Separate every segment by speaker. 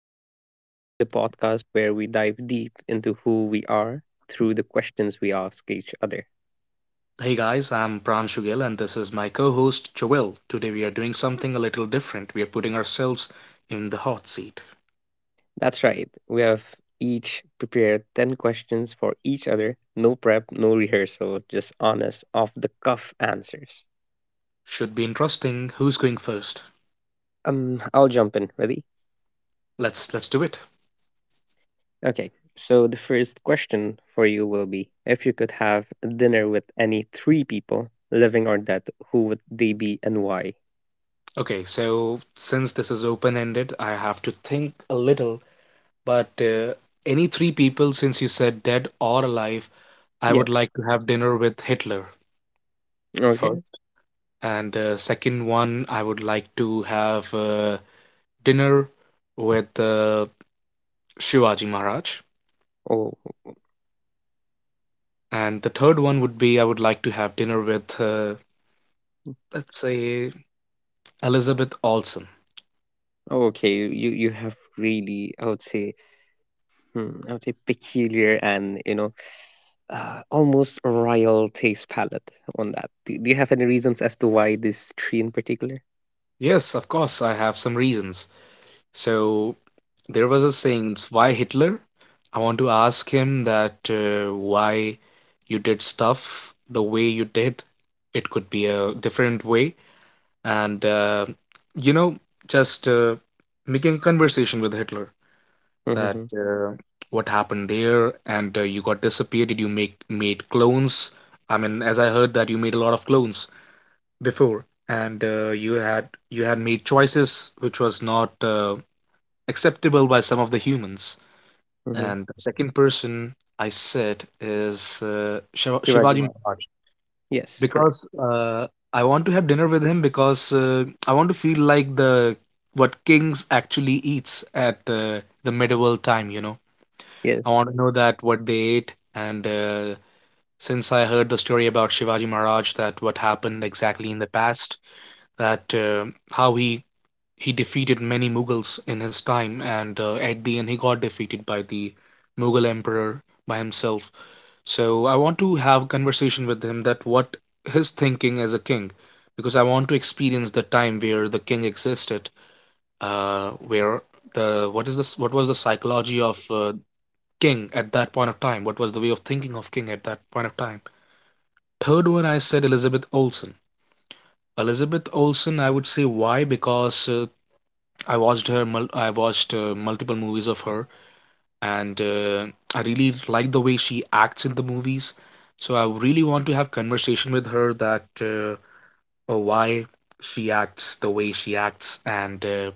Speaker 1: Everything, the podcast where we dive deep into who we are through the questions we ask each other.
Speaker 2: Hey guys, I'm Pranshul Gill and this is my co-host Joel. Today we are doing something a little different. We are putting ourselves in the hot seat.
Speaker 1: That's right, we have each prepared 10 questions for each other, no prep, no rehearsal, just honest, off the cuff answers.
Speaker 2: Should be interesting. Who's going first?
Speaker 1: I'll jump in, ready?
Speaker 2: Let's do it.
Speaker 1: Okay, so the first question for you will be if you could have dinner with any three people, living or dead, who would they be and why?
Speaker 2: Okay, so since this is open-ended, I have to think a little, but any three people since you said dead or alive,
Speaker 1: Yeah.
Speaker 2: I would like to have dinner with Hitler
Speaker 1: Okay.
Speaker 2: first. And second one, I would like to have dinner with Shivaji Maharaj.
Speaker 1: Oh,
Speaker 2: And the third one would be I would like to have dinner with, let's say, Elizabeth Olsen.
Speaker 1: oh, okay, you have really, I would say, I would say peculiar and almost royal taste palette on that. Do you have any reasons as to why this tree in particular?
Speaker 2: Yes, of course, I have some reasons. So there was a saying, why Hitler? I want to ask him that why you did stuff the way you did. It could be a different way. And, you know, just Making a conversation with Hitler, that
Speaker 1: Mm-hmm.
Speaker 2: what happened there, and you got disappeared. Did you make made clones? I mean, as I heard that you made a lot of clones before, and you had made choices which was not acceptable by some of the humans.
Speaker 1: Mm-hmm.
Speaker 2: And the second person I said is uh, Shiva-
Speaker 1: Shivaji
Speaker 2: shivaji
Speaker 1: Maharaj.
Speaker 2: Maharaj,
Speaker 1: Yes, correct.
Speaker 2: because I want to have dinner with him, because I want to feel like the what kings actually eats at the medieval time, you know.
Speaker 1: Yes,
Speaker 2: I want to know that what they ate, and since I heard the story about Shivaji Maharaj, that what happened exactly in the past, that how he defeated many Mughals in his time, and at the end he got defeated by the Mughal emperor by himself. So I want to have a conversation with him that what his thinking as a king, because I want to experience the time where the king existed, where the what is this what was the psychology of King at that point of time. What was the way of thinking of King at that point of time? Third one, I said Elizabeth Olsen. Elizabeth Olsen, I would say why, because I watched her. I watched multiple movies of her, and I really like the way she acts in the movies. So I really want to have conversation with her that why she acts the way she acts, and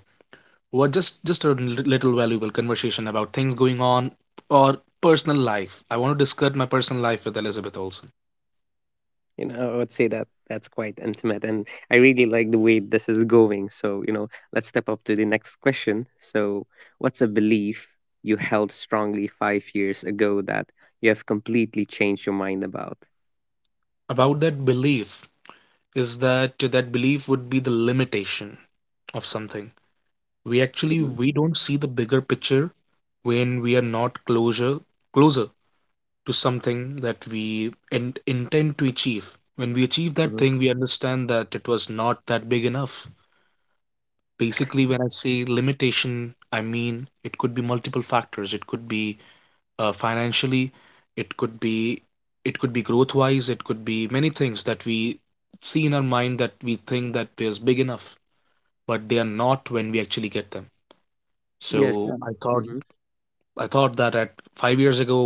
Speaker 2: what just a little valuable conversation about things going on or personal life. I want to discuss my personal life with Elizabeth Olsen.
Speaker 1: I would say that that's quite intimate, and I really like the way this is going. So let's step up to the next question. So, what's a belief you held strongly 5 years ago that you have completely changed your mind about?
Speaker 2: About that belief is that that belief would be the limitation of something. We actually
Speaker 1: Mm-hmm.
Speaker 2: we don't see the bigger picture when we are not closer to something that we intend to achieve. When we achieve that
Speaker 1: Mm-hmm.
Speaker 2: thing, we understand that it was not that big enough. Basically, when I say limitation, I mean it could be multiple factors. It could be financially, it could be it could be growth wise, it could be many things that we see in our mind that we think that is big enough, but they are not when we actually get them.
Speaker 1: Yes.
Speaker 2: So i thought I thought that at 5 years ago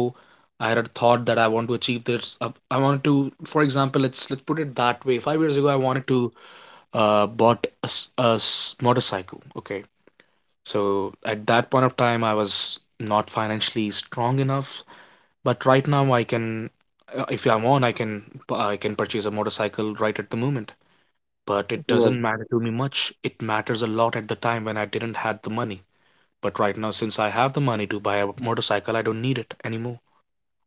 Speaker 2: I had a thought that I want to achieve this. I wanted to, for example, let's put it that way, 5 years ago I wanted to bought a motorcycle, okay. So at that point of time I was not financially strong enough. But right now, if I'm on, I can purchase a motorcycle right at the moment. But it
Speaker 1: World.
Speaker 2: doesn't matter to me much. It matters a lot at the time when I didn't had the money. But right now, since I have the money to buy a motorcycle, I don't need it anymore.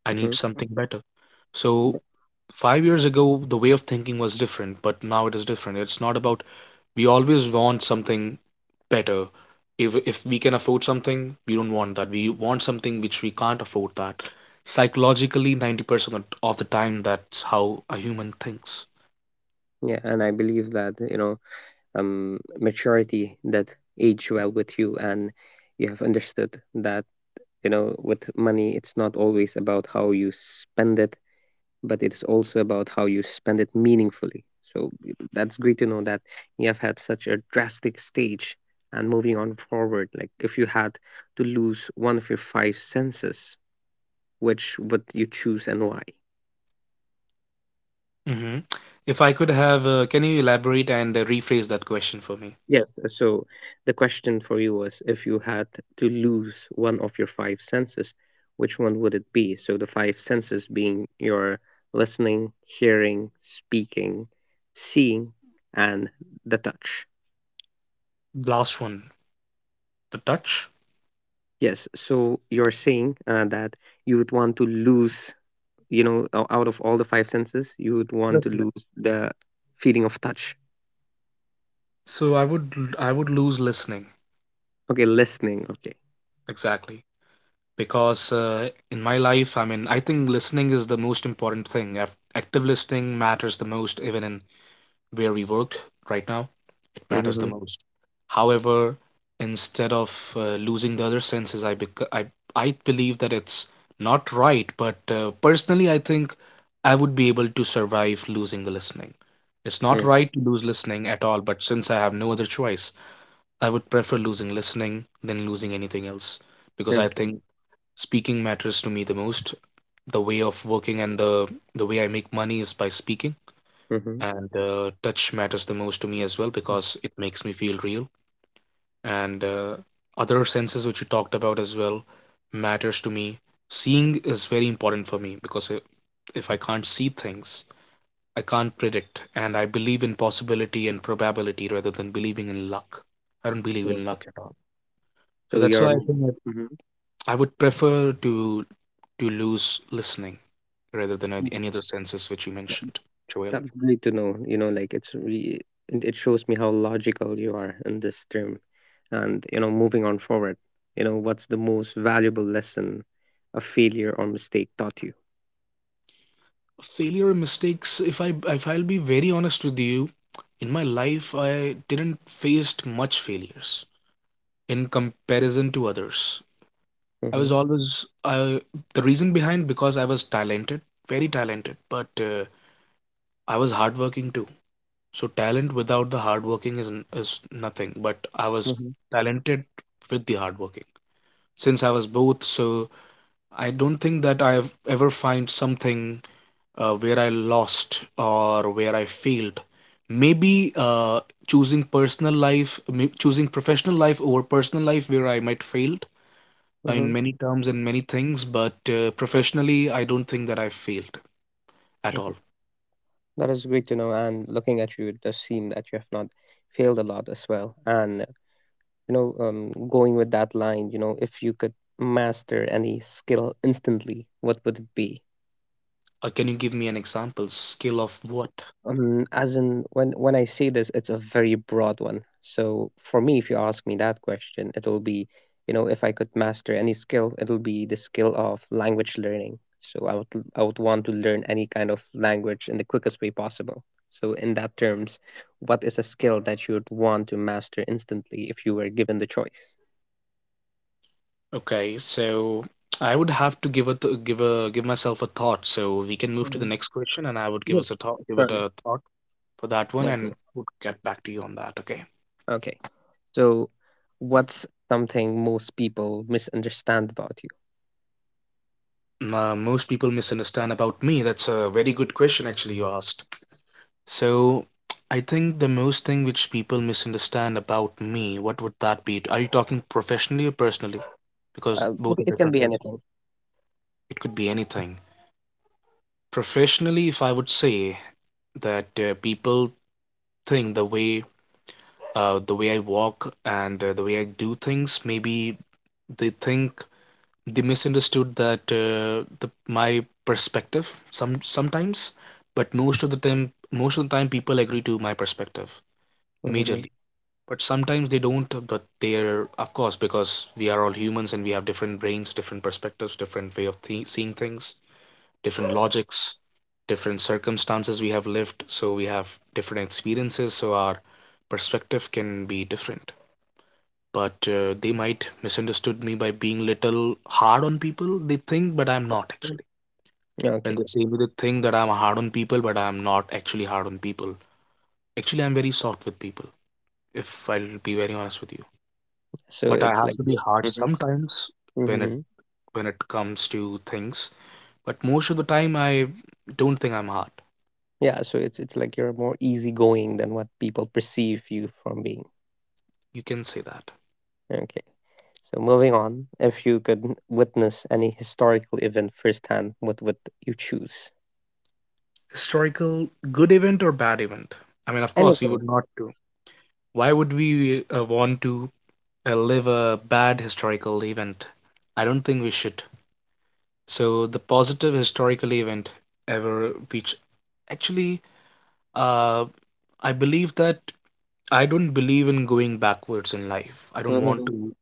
Speaker 2: I
Speaker 1: hmm
Speaker 2: need something better. So
Speaker 1: Yeah,
Speaker 2: 5 years ago, the way of thinking was different, but now it is different. It's not about we always want something better. If we can afford something, we don't want that. We want something which we can't afford. That psychologically 90% of the time that's how a human thinks.
Speaker 1: yeah, and I believe that maturity that age well with you, and you have understood that with money, it's not always about how you spend it, but it's also about how you spend it meaningfully. So that's great to know that you have had such a drastic stage, and moving on forward. Like if you had to lose one of your five senses, which would you choose and why?
Speaker 2: hmm if I could have can you elaborate and rephrase that question for me?
Speaker 1: Yes, so the question for you was if you had to lose one of your five senses, which one would it be? So the five senses being your listening, hearing, speaking, seeing, and the touch.
Speaker 2: Last one, the touch.
Speaker 1: Yes, so you're saying that you would want to lose, out of all the five senses, you would want to
Speaker 2: Listening.
Speaker 1: lose the feeling of touch.
Speaker 2: So I would lose listening.
Speaker 1: Okay, listening. Okay.
Speaker 2: Exactly. Because in my life, I mean, I think listening is the most important thing. Active listening matters the most, even in where we work right now, it matters the
Speaker 1: Mm-hmm.
Speaker 2: most. However, instead of losing the other senses, I, bec- I believe that it's not right. But personally, I think I would be able to survive losing the listening. It's not right to lose listening at all. But since I have no other choice, I would prefer losing listening than losing anything else, because I
Speaker 1: Okay.
Speaker 2: think speaking matters to me the most. The way of working and the way I make money is by speaking,
Speaker 1: Mm-hmm.
Speaker 2: and touch matters the most to me as well, because it makes me feel real, and other senses which you talked about as well matters to me. Seeing is very important for me, because if I can't see things, I can't predict, and I believe in possibility and probability rather than believing in luck. I don't believe in
Speaker 1: Okay.
Speaker 2: luck at all. So
Speaker 1: So
Speaker 2: that's
Speaker 1: you're.
Speaker 2: why I think that
Speaker 1: Mm-hmm.
Speaker 2: I would prefer to lose listening rather than any other senses which you mentioned, Joel.
Speaker 1: That's great to know. You know, like it's re- it shows me how logical you are in this term. And moving on forward, what's the most valuable lesson a failure or mistake taught you?
Speaker 2: Failure and mistakes, if I if I'll be very honest with you, in my life I didn't faced much failures in comparison to others. I was
Speaker 1: Mm-hmm.
Speaker 2: always I, The reason behind because I was talented, very talented, but I was hardworking too. So talent without the hardworking is nothing. But I was
Speaker 1: Mm-hmm.
Speaker 2: talented with the hardworking. Since I was both, so I don't think that I've ever find something where I lost or where I failed. Maybe choosing personal life, choosing professional life over personal life, where I might failed in
Speaker 1: Mm-hmm.
Speaker 2: many terms and many things, but professionally, I don't think that I failed at all.
Speaker 1: Hmm. That is great to know. And looking at you, it does seem that you have not failed a lot as well. And going with that line, if you could master any skill instantly, what would it be?
Speaker 2: Can you give me an example? Skill of what?
Speaker 1: As in, when I say this, it's a very broad one. So for me, if you ask me that question, it'll be, if I could master any skill, it'll be the skill of language learning. So I would want to learn any kind of language in the quickest way possible. So in that terms, what is a skill that you would want to master instantly if you were given the choice?
Speaker 2: Okay, so I would have to give give a give myself a thought. So we can move to the
Speaker 1: Mhm.
Speaker 2: next question, and I would give
Speaker 1: Yes,
Speaker 2: us a thought, give it
Speaker 1: surely.
Speaker 2: a thought for that
Speaker 1: Yeah,
Speaker 2: one, and
Speaker 1: definitely.
Speaker 2: would get back to you on that. Okay.
Speaker 1: Okay. So what's something most people misunderstand about you?
Speaker 2: Uh, most people misunderstand about me? That's a very good question, actually, you asked. So, I think the most thing which people misunderstand about me, what would that be? Are you talking professionally or personally? Because
Speaker 1: Uh, it
Speaker 2: both are
Speaker 1: it can
Speaker 2: different
Speaker 1: be
Speaker 2: things for
Speaker 1: anything.
Speaker 2: me. It could be anything. Professionally, if I would say that people think the way I walk and the way I do things, maybe they think they misunderstood that the my perspective sometimes. But most of the time, most of the time people agree to my perspective
Speaker 1: Mhm,
Speaker 2: majorly, but sometimes they don't, but they're, of course, because we are all humans and we have different brains, different perspectives, different way of seeing things, different logics, different circumstances we have lived, so we have different experiences, so our perspective can be different. But they might misunderstood me by being little hard on people, they think, but I'm not
Speaker 1: mhm.
Speaker 2: actually. When
Speaker 1: Okay.
Speaker 2: they say me, they think that I'm hard on people, but I'm not actually hard on people. Actually, I'm very soft with people, if I'll be very honest with you.
Speaker 1: So
Speaker 2: But I
Speaker 1: it's
Speaker 2: have
Speaker 1: like.
Speaker 2: to be hard
Speaker 1: Mhm,
Speaker 2: sometimes when it
Speaker 1: mhm.
Speaker 2: when it comes to things. But most of the time I don't think I'm hard.
Speaker 1: Yeah, so it's like you're more easygoing than what people perceive you from being.
Speaker 2: You can say that.
Speaker 1: Okay. So moving on, if you could witness any historical event firsthand, what would you choose?
Speaker 2: Historical good event or bad event? I mean, of course we
Speaker 1: Anything.
Speaker 2: would not do, why would we want to live a bad historical event. I don't think we should. So the positive historical event ever, which actually, uh, I believe that I don't believe in going backwards in life. I don't want
Speaker 1: Mm-hmm.
Speaker 2: to.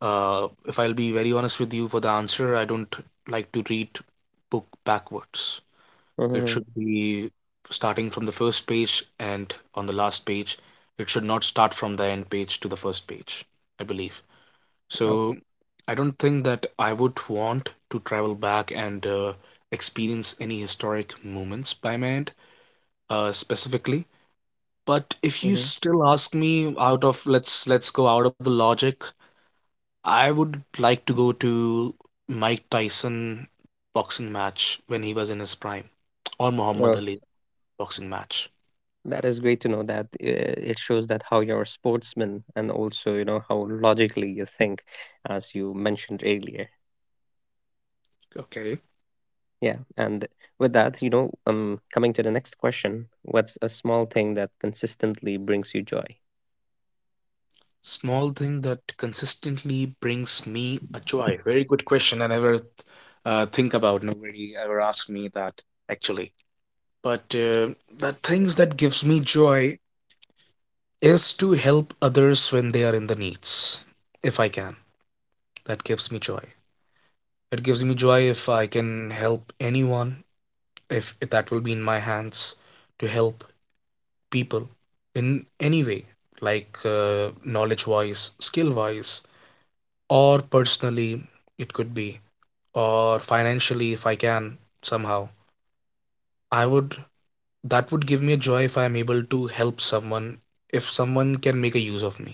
Speaker 2: If I'll be very honest with you for the answer, I don't like to read book backwards. It
Speaker 1: Mm-hmm.
Speaker 2: should be starting from the first page and on the last page. It should not start from the end page to the first page, I believe.
Speaker 1: Okay.
Speaker 2: So I don't think that I would want to travel back and experience any historic moments by my end, specifically. But if you
Speaker 1: Mm-hmm.
Speaker 2: still ask me, out of, let's go out of the logic, I would like to go to Mike Tyson boxing match when he was in his prime, or Muhammad
Speaker 1: Oh,
Speaker 2: Ali boxing match.
Speaker 1: that is great to know that it shows that how you're a sportsman and also, how logically you think, as you mentioned earlier.
Speaker 2: Okay.
Speaker 1: Yeah, and with that, coming to the next question, what's a small thing that consistently brings you joy?
Speaker 2: Small thing that consistently brings me a joy. Very good question. I never think about. Nobody ever asked me that actually. But the things that gives me joy is to help others when they are in the needs. If I can, that gives me joy. It gives me joy if I can help anyone. If that will be in my hands to help people in any way, like knowledge wise, skill wise, or personally it could be, or financially if I can somehow I would, that would give me a joy if I'm able to help someone, if someone can make a use of me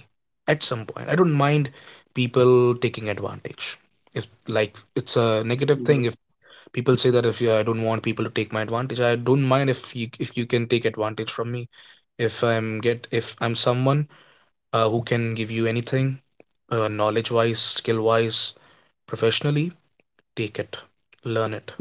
Speaker 2: at some point. I don't mind people taking advantage. If like, it's a negative thing
Speaker 1: You
Speaker 2: if people say that if you, I don't want people to take my advantage. I don't mind if you, if you can take advantage from me. If I'm someone who can give you anything, knowledge wise, skill wise, professionally. Take it, learn it.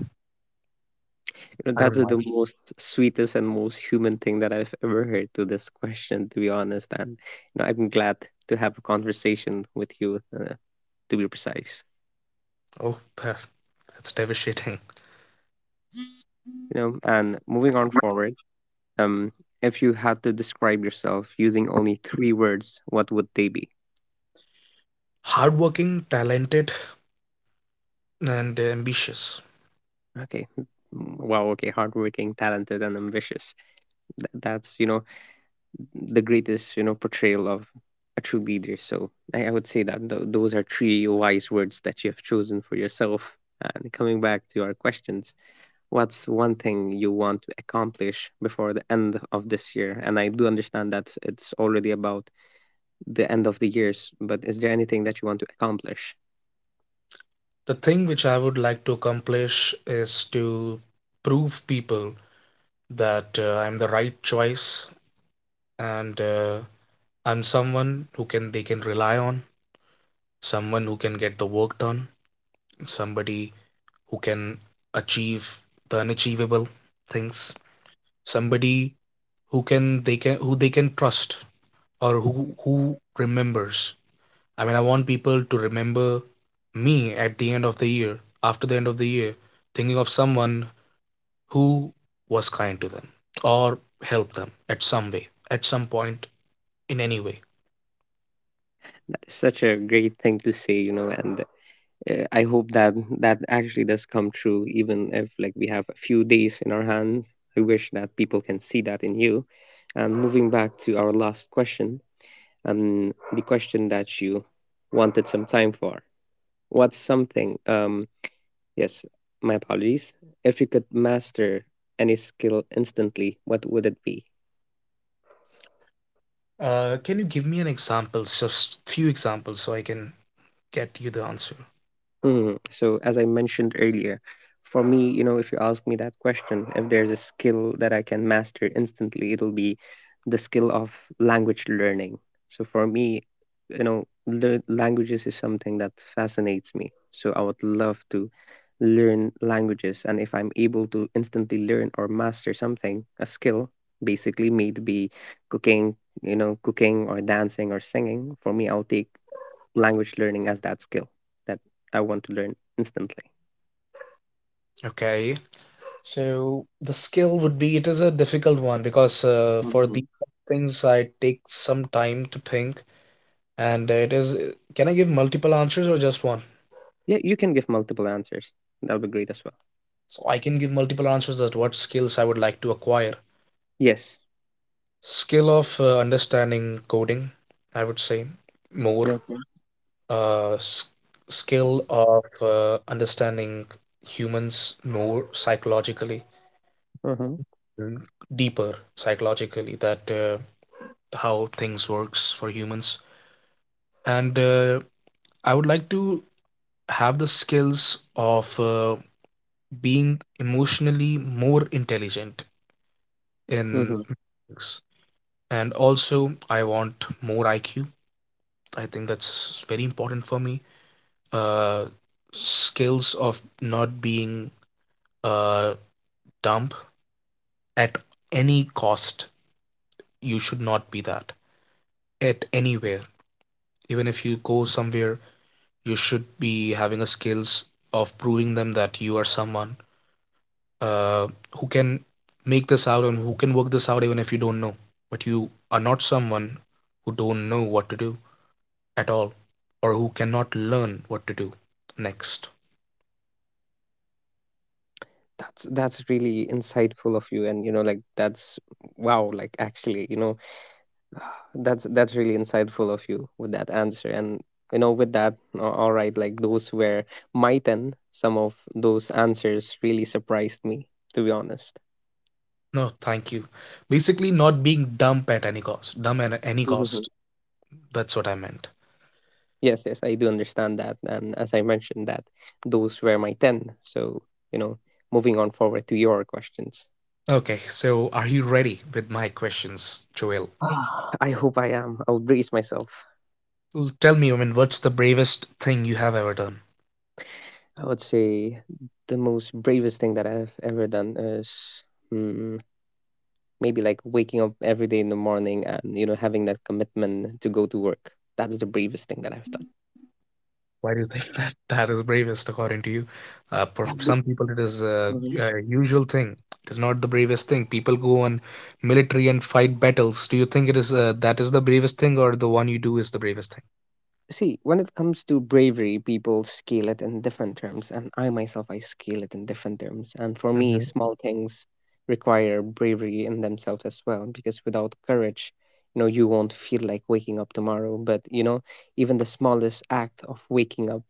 Speaker 2: I
Speaker 1: That's
Speaker 2: don't mind.
Speaker 1: the most sweetest and most human thing that I've ever heard to this question, to be honest. And I'm glad to have a conversation with you, to be precise.
Speaker 2: Oh, that, that's devastating.
Speaker 1: And moving on forward, um, if you had to describe yourself using only three words, what would they be?
Speaker 2: Hardworking, talented, and ambitious.
Speaker 1: Okay, wow. Okay, hardworking, talented, and ambitious. That's, the greatest, portrayal of a true leader, so I would say that those are three wise words that you have chosen for yourself. And coming back to our questions, what's one thing you want to accomplish before the end of this year? And I do understand that it's already about the end of the years, but is there anything that you want to accomplish?
Speaker 2: The thing which I would like to accomplish is to prove people that I'm the right choice, and I'm someone who can, they can rely on, someone who can get the work done, somebody who can achieve the unachievable things, somebody who can they can, who they can trust, or who remembers. I mean, I want people to remember me at the end of the year, after the end of the year, thinking of someone who was kind to them or helped them at some way, at some point, in any way.
Speaker 1: That is such a great thing to say, and I hope that that actually does come true, even if like we have a few days in our hands. I wish that people can see that in you. And moving back to our last question, the question that you wanted some time for. What's something? Yes, my apologies. If you could master any skill instantly, what would it be?
Speaker 2: Can you give me an example, just few examples, so I can get you the answer?
Speaker 1: Mhm. So, as I mentioned earlier, for me, if you ask me that question, if there's a skill that I can master instantly, it'll be the skill of language learning. So, for me, lear languages is something that fascinates me. So, I would love to learn languages. And if I'm able to instantly learn or master something, a skill, basically, maybe cooking, cooking or dancing or singing, for me, I'll take language learning as that skill that I want to learn instantly?
Speaker 2: Okay, so the skill would be, it is a difficult one, because for these
Speaker 1: Mhm.
Speaker 2: things I take some time to think. And it is, can I give multiple answers or just one?
Speaker 1: Yeah, you can give multiple answers. That'll be great as well.
Speaker 2: So I can give multiple answers, that what skills I would like to acquire.
Speaker 1: Yes.
Speaker 2: Skill of understanding coding, I would say more.
Speaker 1: Okay. Okay.
Speaker 2: uh, Skill of understanding humans more psychologically,
Speaker 1: Mm-hmm.
Speaker 2: mm, deeper psychologically, that how things works for humans. And I would like to have the skills of being emotionally more intelligent, in
Speaker 1: Mm-hmm.
Speaker 2: mathematics. And also, I want more IQ. I think that's very important for me. Uh, skills of not being uh, dumb at any cost. You should not be that at anywhere. Even if you go somewhere, you should be having a skills of proving them that you are someone uh, who can make this out and who can work this out even if you don't know. But you are not someone who don't know what to do at all, or who cannot learn what to do next.
Speaker 1: That's really insightful of you, and like that's wow. Like actually, that's really insightful of you with that answer, and with that, all right. Like those were my 10. Some of those answers really surprised me, to be honest.
Speaker 2: No, thank you. Basically, not being dumb at any cost, dumb at any cost, that's what I meant.
Speaker 1: Yes, yes, I do understand that. And as I mentioned that those were my 10. So, you know, moving on forward to your questions.
Speaker 2: Okay, so are you ready with my questions, Joel?
Speaker 1: I hope I am. I would brace myself.
Speaker 2: Tell me, I mean, what's the bravest thing you have ever done?
Speaker 1: I would say the most bravest thing that I've ever done is mm, maybe like waking up every day in the morning and, having that commitment to go to work. That's the bravest thing that I've done.
Speaker 2: Why do you think that that is bravest according to you? For
Speaker 1: Yeah. That's
Speaker 2: some people it is a usual thing. It is not the bravest thing. People go on military and fight battles. Do you think it is, that is the bravest thing, or the one you do is the bravest
Speaker 1: See, when it comes to bravery, people scale it in different terms, and I myself, I scale it in different terms. And for me,
Speaker 2: thing?
Speaker 1: small things require bravery in themselves as well, because without courage, you won't feel like waking up tomorrow. But, even the smallest act of waking up,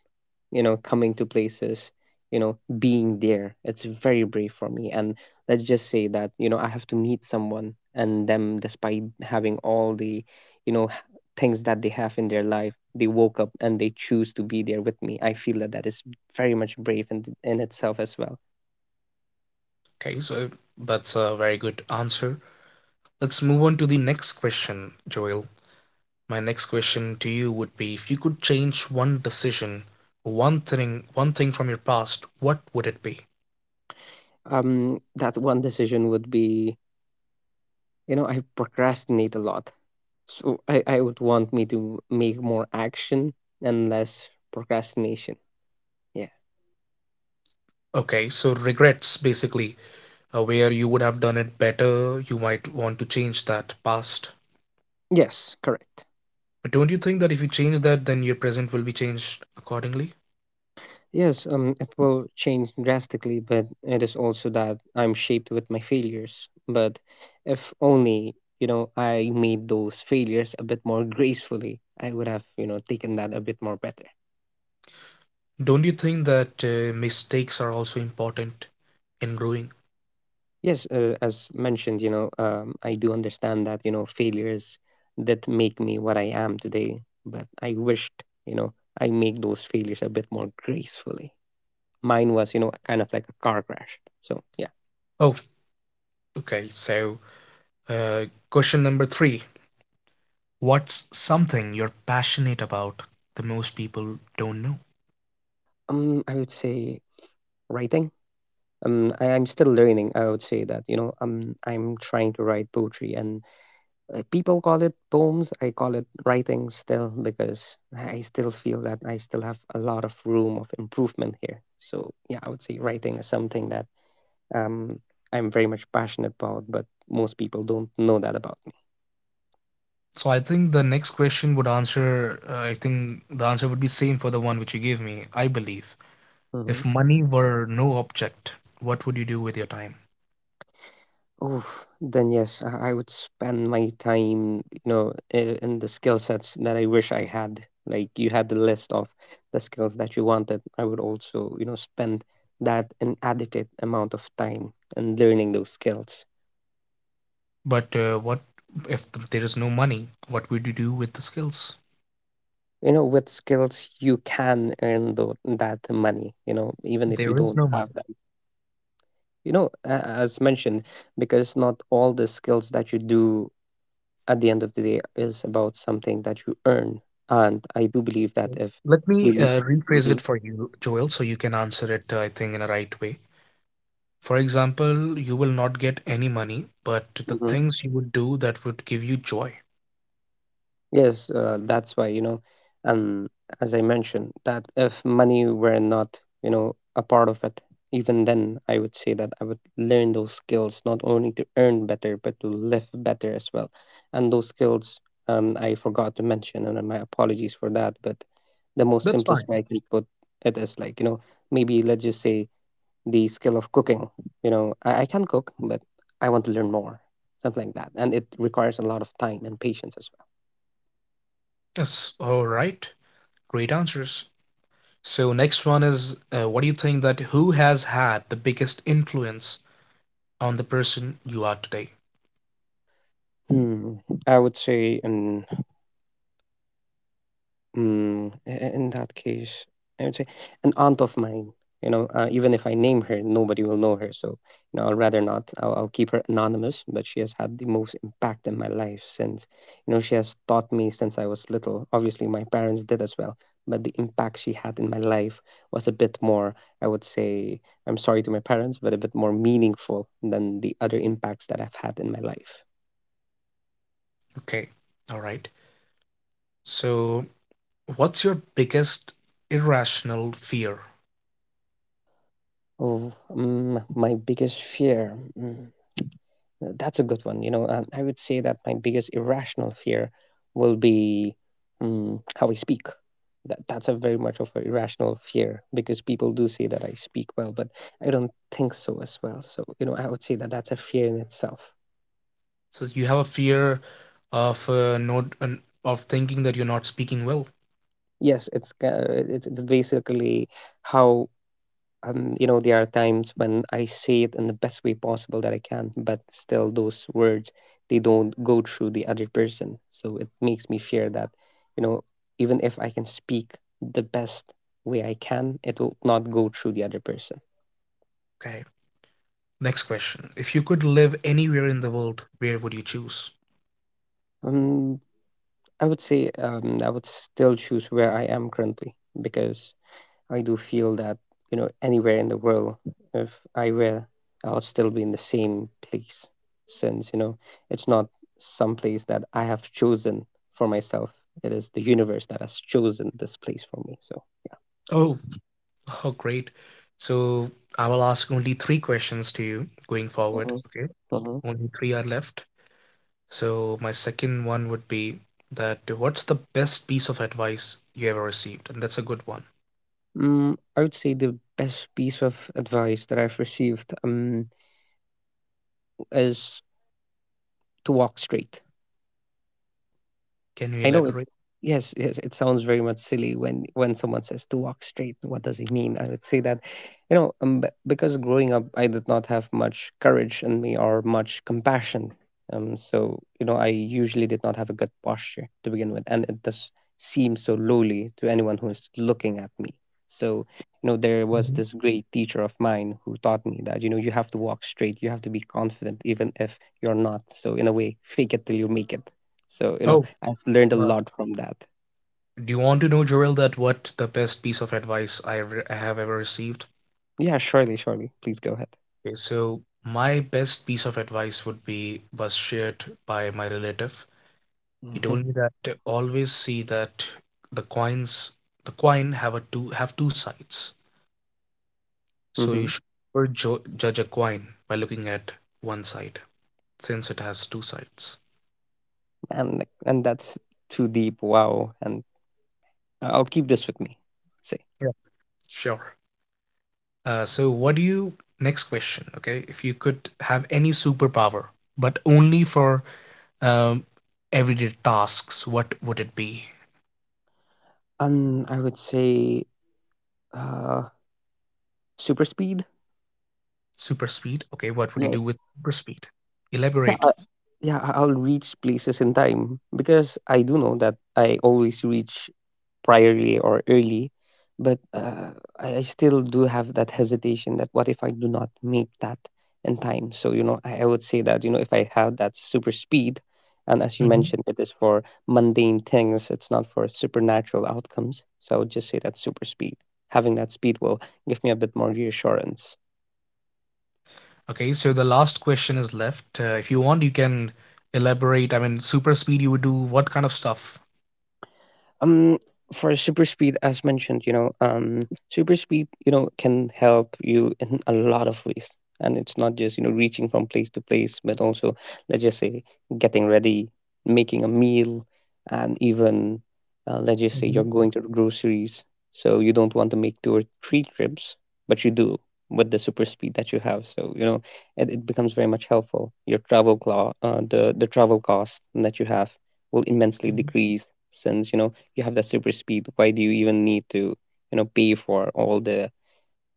Speaker 1: coming to places, being there, it's very brave for me. And let's just say that I have to meet someone, and them despite having all the things that they have in their life, they woke up and they choose to be there with me. I feel that that is very much brave in itself as well.
Speaker 2: Okay, so that's a very good answer. Let's move on to the next question, Joel. My next question to you would be, if you could change one decision, one thing from your past, what would it be?
Speaker 1: That one decision would be, I procrastinate a lot. So I would want me to make more action and less procrastination. Yeah.
Speaker 2: Okay, so regrets basically, where you would have done it better, you might want to change that past.
Speaker 1: Yes, correct.
Speaker 2: But don't you think that if you change that, then your present will be changed accordingly?
Speaker 1: Yes, it will change drastically, but it is also that I'm shaped with my failures. But if only, I made those failures a bit more gracefully, I would have, taken that a bit more better.
Speaker 2: Don't you think that mistakes are also important in growing?
Speaker 1: Yes, as mentioned, I do understand that, failures that make me what I am today, but I wished, I make those failures a bit more gracefully. Mine was, kind of like a car crash. So, yeah.
Speaker 2: Oh, okay, so question number three. What's something you're passionate about that most people don't know?
Speaker 1: I would say writing. I'm still learning. I would say that I'm trying to write poetry, and people call it poems. I call it writing still because I still feel that I still have a lot of room of improvement here. So yeah, I would say writing is something that um, I'm very much passionate about, but most people don't know that about
Speaker 2: So I think the next question would answer, I think the answer would be same for the one which you gave me. I believe if
Speaker 1: me.
Speaker 2: money were no object, what would you do with your time?
Speaker 1: Oh, then yes, I would spend my time, in the skill sets that I wish I had. Like you had the list of the skills that you wanted. I would also, spend that an adequate amount of time in learning those skills.
Speaker 2: But what if there is no money? What would you do with the skills?
Speaker 1: With skills you can earn that money, even if you
Speaker 2: There
Speaker 1: don't,
Speaker 2: is no money.
Speaker 1: as mentioned, because not all the skills that you do at the end of the day is about something that you earn. And I do believe that
Speaker 2: Okay.
Speaker 1: if
Speaker 2: Let me
Speaker 1: we.
Speaker 2: rephrase it for you, Joel, so you can answer it, I think, in a right way. For example, you will not get any money, but the
Speaker 1: Mhm.
Speaker 2: things you would do that would give you joy.
Speaker 1: Yes, that's why, and as I mentioned, that if money were not, a part of it, even then, I would say that I would learn those skills not only to earn better, but to live better as well. And those skills, I forgot to mention, and my apologies for that, but the most
Speaker 2: That's
Speaker 1: simplest
Speaker 2: fine.
Speaker 1: way I can put it is maybe let's just say the skill of cooking. You know, I can cook, but I want to learn more, something like that. And it requires a lot of time and patience as well.
Speaker 2: Yes, all right. Great answers. So, next one is, what do you think that who has had the biggest influence on the person you are today?
Speaker 1: Hmm, I would say an in that case, I would say an aunt of mine. Even if I name her, nobody will know her. So, I'll rather not. I'll keep her anonymous. But she has had the most impact in my life since, she has taught me since I was little. Obviously, my parents did as well. But the impact she had in my life was a bit more, I would say, I'm sorry to my parents, but a bit more meaningful than the other impacts that I've had in my life.
Speaker 2: Okay, all right. So, what's your biggest irrational fear?
Speaker 1: Oh, mm, my biggest fear. Mm, that's a good one. I would say that my biggest irrational fear will be how I speak. That's a very much of an irrational fear because people do say that I speak well, but I don't think so as well. So, you know, I would say that that's a fear in itself.
Speaker 2: So, you have a fear of not, of thinking that you're not speaking well.
Speaker 1: Yes, it's basically how you know, there are times when I say it in the best way possible that I can, but still those words they don't go through the other person. So it makes me fear that, you know, even if I can speak the best way I can, it will not go through the other person.
Speaker 2: Okay. Next question. If you could live anywhere in the world, where would you choose?
Speaker 1: Um, I would say I would still choose where I am currently because I do feel that, you know, anywhere in the world, if I were, I will still be in the same place since, you know, it's not some place that I have chosen for myself. It is the universe that has chosen this place for me. So,
Speaker 2: Oh, oh, great. So I will ask only three questions to you going forward.
Speaker 1: mhm,
Speaker 2: Okay.
Speaker 1: mhm,
Speaker 2: Only three are left. So my second one would be that what's the best piece of advice you ever received? And that's a good one.
Speaker 1: I would say the best piece of advice that I've received is to walk straight.
Speaker 2: Can you
Speaker 1: I know it.
Speaker 2: elaborate?
Speaker 1: Yes, yes, it sounds very much silly when someone says to walk straight. What does he mean? I would say that, because growing up, I did not have much courage in me or much compassion. So, you know, I usually did not have a good posture to begin with, and it does seem so lowly to anyone who is looking at me. So, you know, there was
Speaker 2: Mhm.
Speaker 1: this great teacher of mine who taught me that, you know, you have to walk straight, you have to be confident even if you're not. So in a way, fake it till you make it. So, you know,
Speaker 2: Oh,
Speaker 1: I've learned a
Speaker 2: uh,
Speaker 1: lot from that.
Speaker 2: do you want to know, Joel, that what the best piece of advice I have ever received?
Speaker 1: Yeah, surely, surely. Please go ahead.
Speaker 2: Okay, so my best piece of advice would be, was shared by my relative. He
Speaker 1: Hmm,
Speaker 2: told me that to always see that the coins, the coin have two sides. So you
Speaker 1: hmm.
Speaker 2: should never judge a coin by looking at one side, since it has two sides.
Speaker 1: And and that's too deep. Wow. And I'll keep this with me. Say,
Speaker 2: Yeah, sure. So what do you? Next question. Okay, if you could have any superpower, but only for um, everyday tasks, what would it be?
Speaker 1: I would say, uh, super speed.
Speaker 2: Super speed. Okay, what would you do
Speaker 1: Yes.
Speaker 2: with super speed?
Speaker 1: Yeah,
Speaker 2: Elaborate.
Speaker 1: uh, yeah, I'll reach places in time because I do know that I always reach priorly or early, but I still do have that hesitation that what if I do not make that in time? So, you know, I would say that, you know, if I have that super speed, and as you mentioned, it is for mundane things, it's not for supernatural outcomes. So I would just say that super speed. Having that speed will give me a bit more reassurance.
Speaker 2: Okay, so the last question is left. If you want, you can elaborate. I mean, super speed, you would do what kind of stuff?
Speaker 1: um for super speed as mentioned, you know, super speed, you know, can help you in a lot of ways, and it's not just, you know, reaching from place to place but also, let's just say, getting ready, making a meal, and even, let's just say
Speaker 2: Mhm.
Speaker 1: you're going to the groceries, so you don't want to make two or three trips, but you do with the super speed that you have. So you know, it becomes very much helpful. Your the travel cost that you have will immensely decrease, since, you know, you have that super speed. Why do you even need to, you know, pay for all the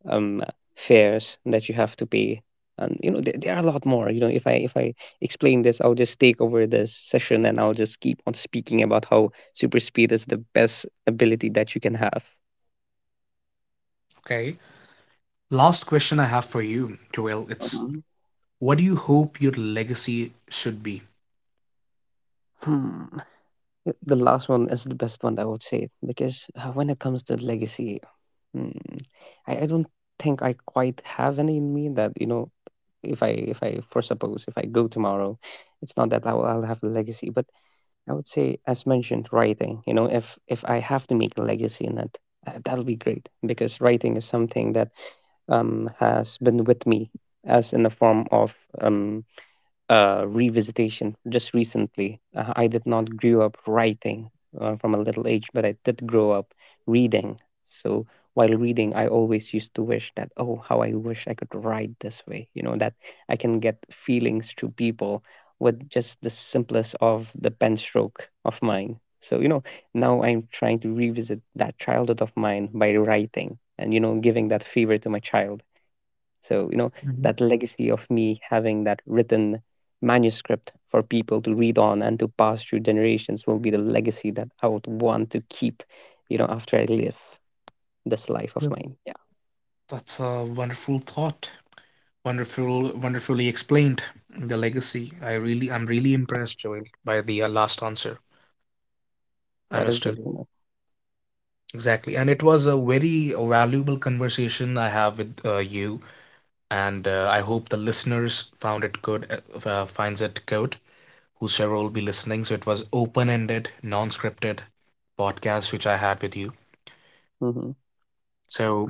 Speaker 1: um fares that you have to pay? And you know, there are a lot more. You know, if I explain this, I'll just take over this session, and I'll just keep on speaking about how super speed is the best ability that you can have.
Speaker 2: Okay. Last question I have for you, Joel. It's,
Speaker 1: Mhm.
Speaker 2: what do you hope your legacy should be?
Speaker 1: Hmm. The last one is the best one, I would say, because when it comes to legacy, hmm, I don't think I quite have any in me that, you know, if I, for suppose, if I go tomorrow, it's not that I'll have a legacy, but I would say, as mentioned, writing. You know, if I have to make a legacy in it, that'll be great because writing is something that has been with me as in the form of um revisitation just recently. I did not grow up writing from a little age, but I did grow up reading. So while reading, I always used to wish that, oh, how I wish I could write this way, you know, that I can get feelings to people with just the simplest of the pen stroke of mine. So, you know, now I'm trying to revisit that childhood of mine by writing and, you know, giving that favor to my child. So, you know,
Speaker 2: Mhm.
Speaker 1: that legacy of me having that written manuscript for people to read on and to pass through generations will be the legacy that I would want to keep, you know, after I live this life of
Speaker 2: Yeah.
Speaker 1: mine. Yeah,
Speaker 2: That's a wonderful thought. Wonderful, wonderfully explained. The legacy. I'm really impressed, Joel, by the last answer. I
Speaker 1: that is
Speaker 2: must tell
Speaker 1: great to
Speaker 2: you.
Speaker 1: know.
Speaker 2: Exactly. And it was a very valuable conversation I have with you. And I hope the listeners found it good. Finds it good. Whosoever will be listening, so it was open-ended, non-scripted podcast which I had with you.
Speaker 1: Mhm.
Speaker 2: So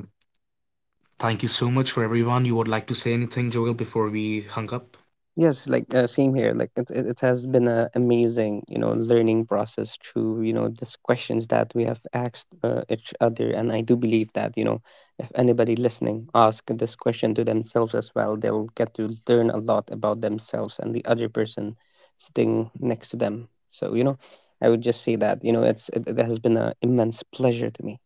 Speaker 2: thank you so much for everyone. You would like to say anything, Joel, before we hung up?
Speaker 1: Yes, same here. It, it has been a amazing, you know, learning process through, you know, these questions that we have asked each other. And I do believe that, you know, if anybody listening ask this question to themselves as well, they'll get to learn a lot about themselves and the other person sitting next to them. So, you know, I would just say that, you know, it, it has been an immense pleasure to me.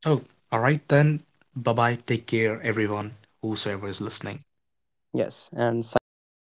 Speaker 2: Oh, all right then. Bye bye. Take care, everyone. Whosoever is listening.
Speaker 1: Yes, and signing off.